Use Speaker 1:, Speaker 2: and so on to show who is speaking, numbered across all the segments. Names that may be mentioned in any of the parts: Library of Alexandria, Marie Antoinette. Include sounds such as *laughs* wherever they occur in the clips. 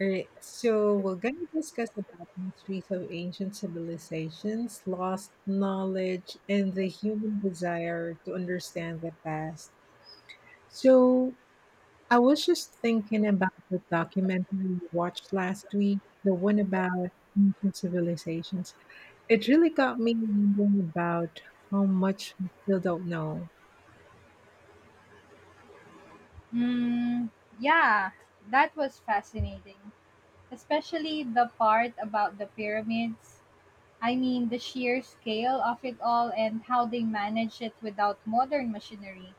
Speaker 1: All right, so we're going to discuss about mysteries of ancient civilizations, lost knowledge, and the human desire to understand the past. So I was just thinking about the documentary we watched last week, the one about ancient civilizations. It really got me wondering about how much we still don't know.
Speaker 2: Mm, yeah, that was fascinating, especially the part about the pyramids. I mean, the sheer scale of it all and how they manage it without modern machinery.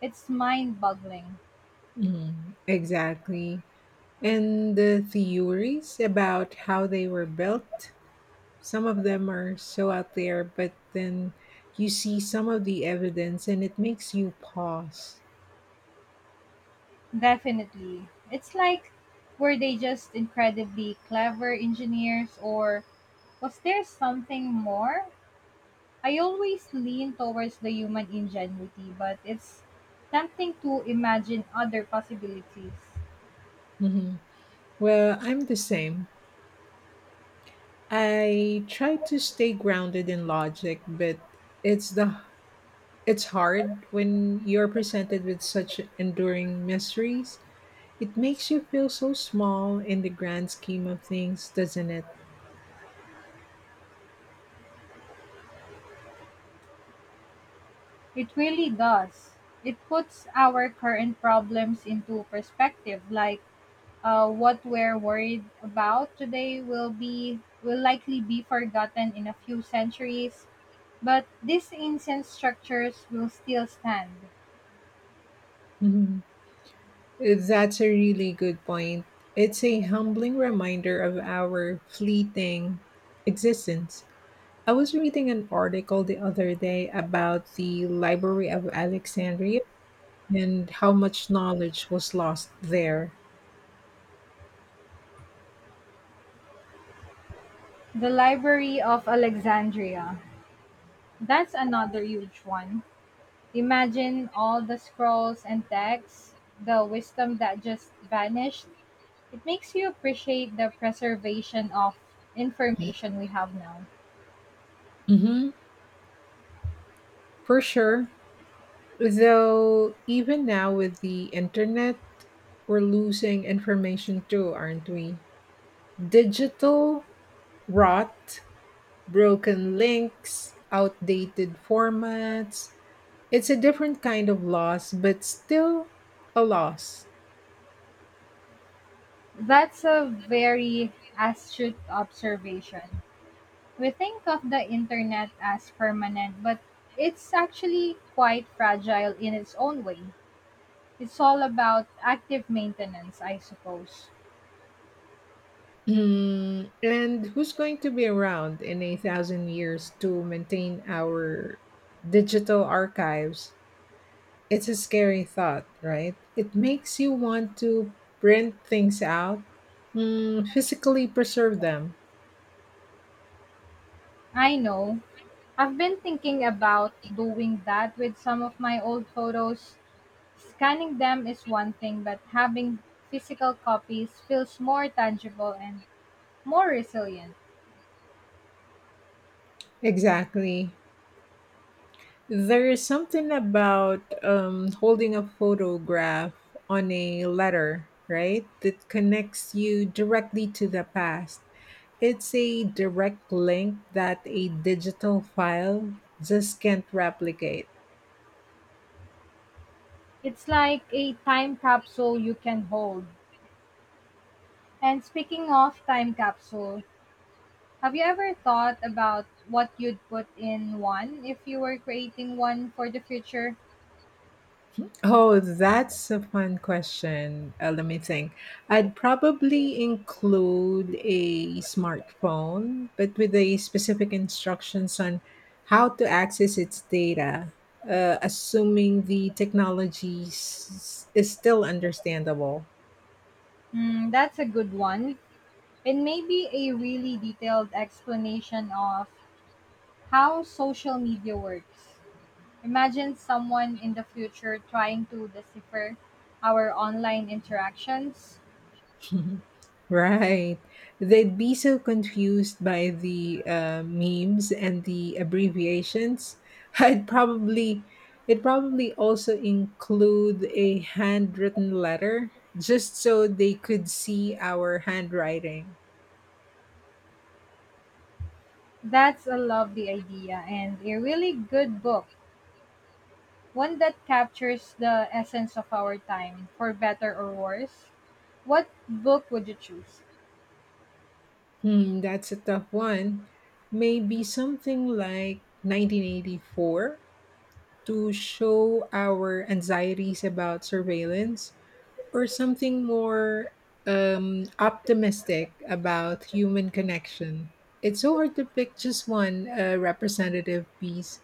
Speaker 2: It's mind boggling.
Speaker 1: Mm, exactly. And the theories about how they were built. Some of them are so out there, but then you see some of the evidence and it makes you pause.
Speaker 2: Definitely. It's like, were they just incredibly clever engineers or was there something more? I always lean towards the human ingenuity, but it's tempting to imagine other possibilities.
Speaker 1: Mhm. Well, I'm the same. I try to stay grounded in logic, but it's the it's hard when you're presented with such enduring mysteries. It makes you feel so small in the grand scheme of things, doesn't it?
Speaker 2: It really does. It puts our current problems into perspective, like, what we're worried about today will be will likely be forgotten in a few centuries, but these ancient structures will still stand.
Speaker 1: Mhm. That's a really good point. It's a humbling reminder of our fleeting existence. I was reading an article the other day about the Library of Alexandria and how much knowledge was lost there.
Speaker 2: The Library of Alexandria. That's another huge one. Imagine all the scrolls and texts, the wisdom that just vanished. It makes you appreciate the preservation of information we have now.
Speaker 1: Hmm. For sure. Though, even now with the internet, we're losing information too, aren't we? Digital rot, broken links, outdated formats. It's a different kind of loss, but still a loss.
Speaker 2: That's a very astute observation. We think of the internet as permanent, but it's actually quite fragile in its own way. It's all about active maintenance, I suppose.
Speaker 1: Mm, and who's going to be around in 1,000 years to maintain our digital archives? It's a scary thought, right? It makes you want to print things out, physically preserve them.
Speaker 2: I know. I've been thinking about doing that with some of my old photos. Scanning them is one thing, but having physical copies feels more tangible and more resilient.
Speaker 1: Exactly. There is something about holding a photograph on a letter, right? That connects you directly to the past. It's a direct link that a digital file just can't replicate.
Speaker 2: It's like a time capsule you can hold. And speaking of time capsule, have you ever thought about what you'd put in one if you were creating one for the future?
Speaker 1: Oh, that's a fun question. Let me think. I'd probably include a smartphone, but with a specific instructions on how to access its data, assuming the is still understandable.
Speaker 2: Hmm, that's a good one. And maybe a really detailed explanation of how social media works. Imagine someone in the future trying to decipher our online interactions.
Speaker 1: *laughs* Right. They'd be so confused by the memes and the abbreviations. *laughs* I'd probably, it'd probably also include a handwritten letter just so they could see our handwriting.
Speaker 2: That's a lovely idea and a really good book, one that captures the essence of our time, for better or worse. What book would you choose?
Speaker 1: Hmm, that's a tough one. Maybe something like 1984 to show our anxieties about surveillance, or something more optimistic about human connection. It's so hard to pick just one representative piece.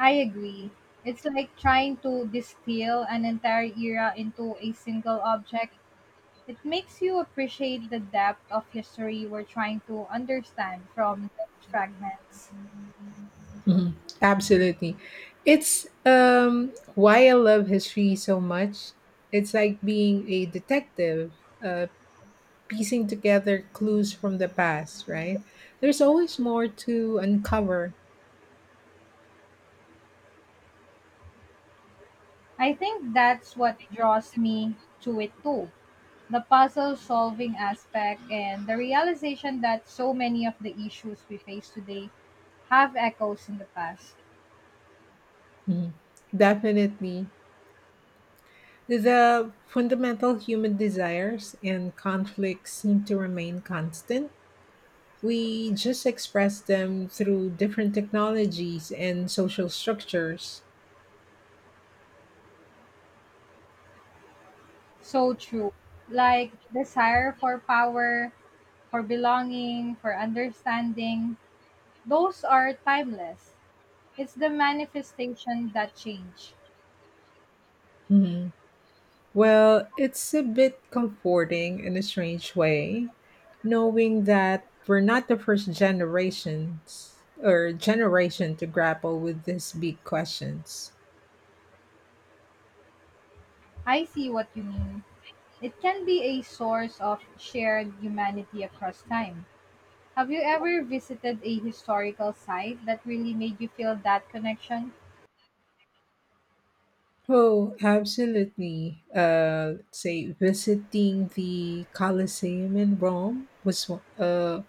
Speaker 2: I agree. It's like trying to distill an entire era into a single object. It makes you appreciate the depth of history we're trying to understand from those fragments.
Speaker 1: Mhm. Absolutely. It's why I love history so much. It's like being a detective, uh, piecing together clues from the past, right? There's always more to uncover.
Speaker 2: I think that's what draws me to it too. The puzzle solving aspect and the realization that so many of the issues we face today have echoes in the past.
Speaker 1: Mhm. Definitely. The fundamental human desires and conflicts seem to remain constant. We just express them through different technologies and social structures.
Speaker 2: So true. Like desire for power, for belonging, for understanding, those are timeless. It's the manifestation that change.
Speaker 1: Mhm. Well, it's a bit comforting in a strange way, knowing that we're not the first generations or generation to grapple with these big questions.
Speaker 2: I see what you mean. It can be a source of shared humanity across time. Have you ever visited a historical site that really made you feel that connection?
Speaker 1: Oh, absolutely. Say visiting the Colosseum in Rome uh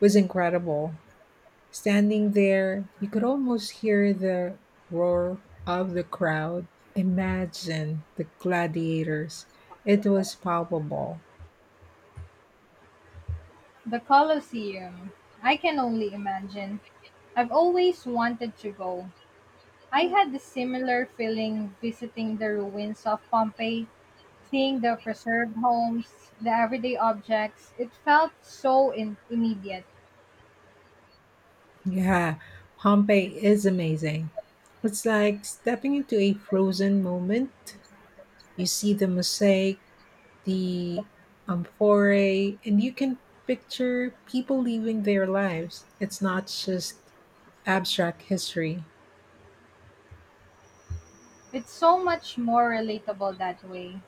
Speaker 1: was incredible. Standing there, you could almost hear the roar of the crowd. Imagine the gladiators. It was palpable.
Speaker 2: The Colosseum. I can only imagine. I've always wanted to go. I had the similar feeling visiting the ruins of Pompeii, seeing the preserved homes, the everyday objects. It felt so immediate.
Speaker 1: Yeah, Pompeii is amazing. It's like stepping into a frozen moment. You see the mosaic, the amphorae, and you can picture people living their lives. It's not just abstract history.
Speaker 2: It's so much more relatable that way.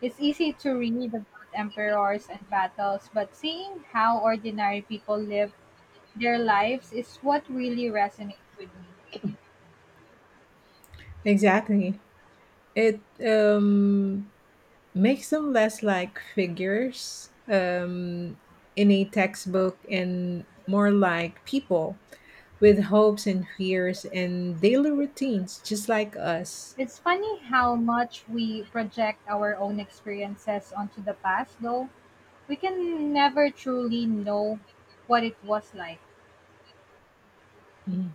Speaker 2: It's easy to read about emperors and battles, but seeing how ordinary people live their lives is what really resonates with me.
Speaker 1: Exactly. It makes them less like figures in a textbook and more like people with hopes and fears and daily routines, just like us.
Speaker 2: It's funny how much we project our own experiences onto the past, though, we can never truly know what it was like.
Speaker 1: Mm.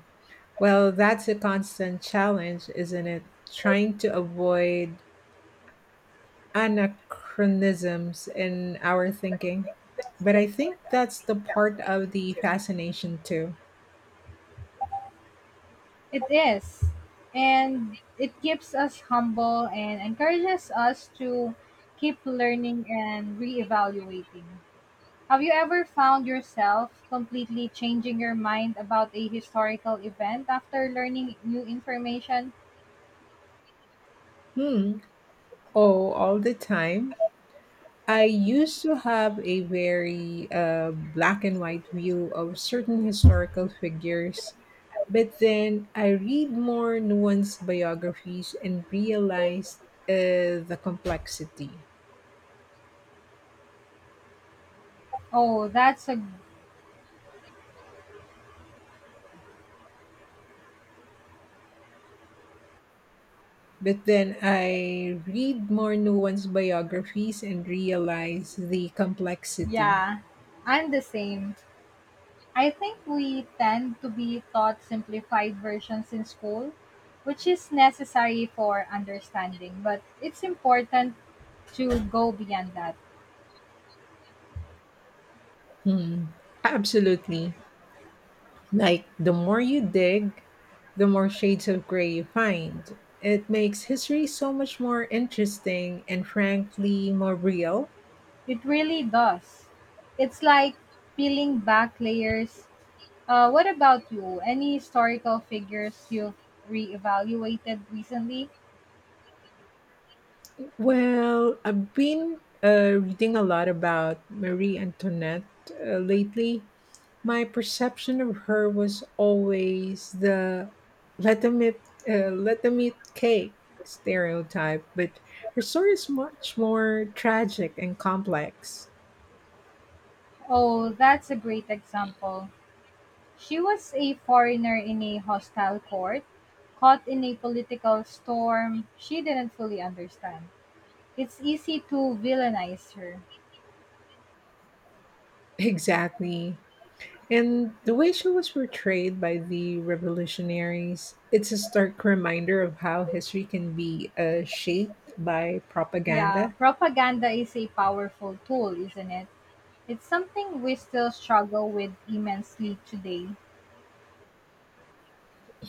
Speaker 1: Well, that's a constant challenge, isn't it? Trying to avoid anachronisms in our thinking. But I think that's the part of the fascination, too.
Speaker 2: It is. And it keeps us humble and encourages us to keep learning and reevaluating. Have you ever found yourself completely changing your mind about a historical event after learning new information?
Speaker 1: Hmm. Oh, all the time. I used to have a very black and white view of certain historical figures, but then I read more nuanced biographies and realized the complexity.
Speaker 2: Oh, that's a,
Speaker 1: But then I read more nuanced biographies and realize the complexity.
Speaker 2: yeah. I'm the same. I think we tend to be taught simplified versions in school, which is necessary for understanding, but it's important to go beyond that.
Speaker 1: Hmm. Absolutely. Like, the more you dig, the more shades of gray you find. It makes history so much more interesting and frankly more real.
Speaker 2: It really does. It's like peeling back layers. What about you? Any historical figures you've reevaluated recently?
Speaker 1: Well, I've been reading a lot about Marie Antoinette lately. My perception of her was always the let them eat, let them eat cake stereotype, but her story is much more tragic and complex.
Speaker 2: Oh, that's a great example. She was a foreigner in a hostile court, caught in a political storm she didn't fully understand. It's easy to villainize her.
Speaker 1: *laughs* Exactly. And the way she was portrayed by the revolutionaries, it's a stark reminder of how history can be shaped by
Speaker 2: Yeah,
Speaker 1: propaganda.
Speaker 2: propaganda is a powerful tool, isn't it? It's something we still struggle with immensely today.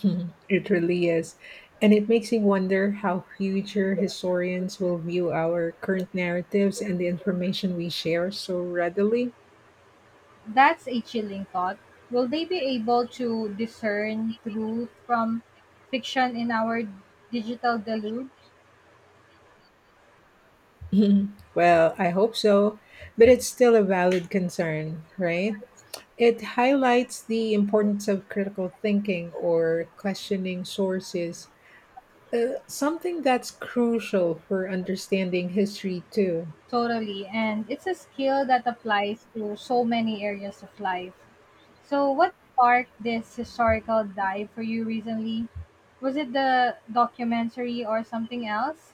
Speaker 1: *laughs* It really is. And it makes me wonder how future historians will view our current narratives and the information we share so readily.
Speaker 2: That's a chilling thought. Will they be able to discern truth from fiction in our digital deluge?
Speaker 1: *laughs* Well, I hope so, but it's still a valid concern, right? It highlights the importance of critical thinking or questioning sources. Something that's crucial for understanding history too.
Speaker 2: Totally. And it's a skill that applies to so many areas of life. So, what sparked this historical dive for you recently? Was it the documentary or something else?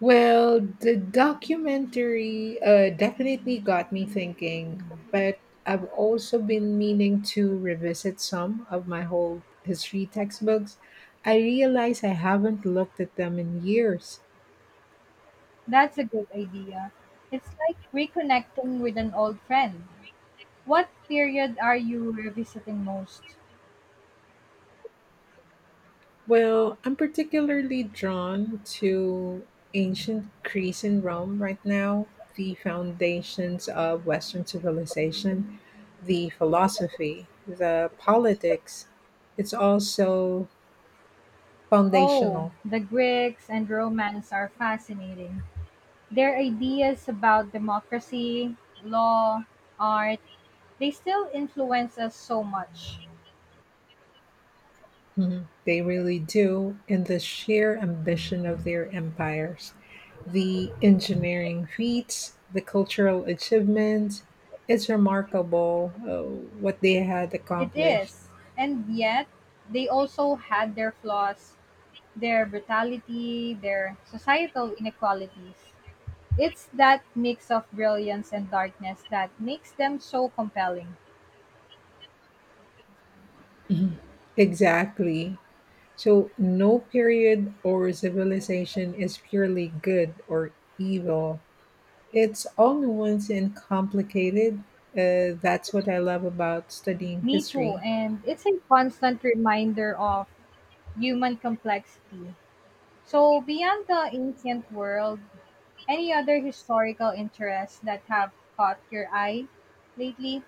Speaker 1: Well, the documentary definitely got me thinking, but I've also been meaning to revisit some of my old history textbooks. I realize I haven't looked at them in years.
Speaker 2: That's a good idea. It's like reconnecting with an old friend. What period are you revisiting most?
Speaker 1: Well, I'm particularly drawn to ancient Greece and Rome right now, the foundations of Western civilization, the philosophy, the politics. It's also
Speaker 2: Oh,
Speaker 1: foundational.
Speaker 2: the Greeks and Romans are fascinating. Their ideas about democracy, law, art, they still influence us so much.
Speaker 1: Mhm. They really do, and the sheer ambition of their empires, the engineering feats, the cultural achievements. It's remarkable what they had
Speaker 2: It
Speaker 1: accomplished.
Speaker 2: is. And yet, they also had their flaws, their brutality, their societal inequalities. It's that mix of brilliance and darkness that makes them so compelling.
Speaker 1: Exactly. So, no period or civilization is purely good or evil. It's all nuanced and complicated. That's what I love about studying
Speaker 2: Me too.
Speaker 1: history.
Speaker 2: And it's a constant reminder of human complexity. So, beyond the ancient world, any other historical interests that have caught your eye lately?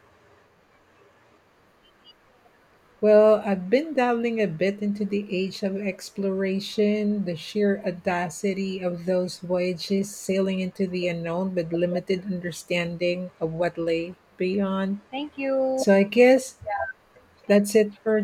Speaker 1: Well, I've been dabbling a bit into the age of exploration, the sheer audacity of those voyages sailing into the unknown with limited understanding of what lay beyond.
Speaker 2: Thank you.
Speaker 1: So, I guess that's it for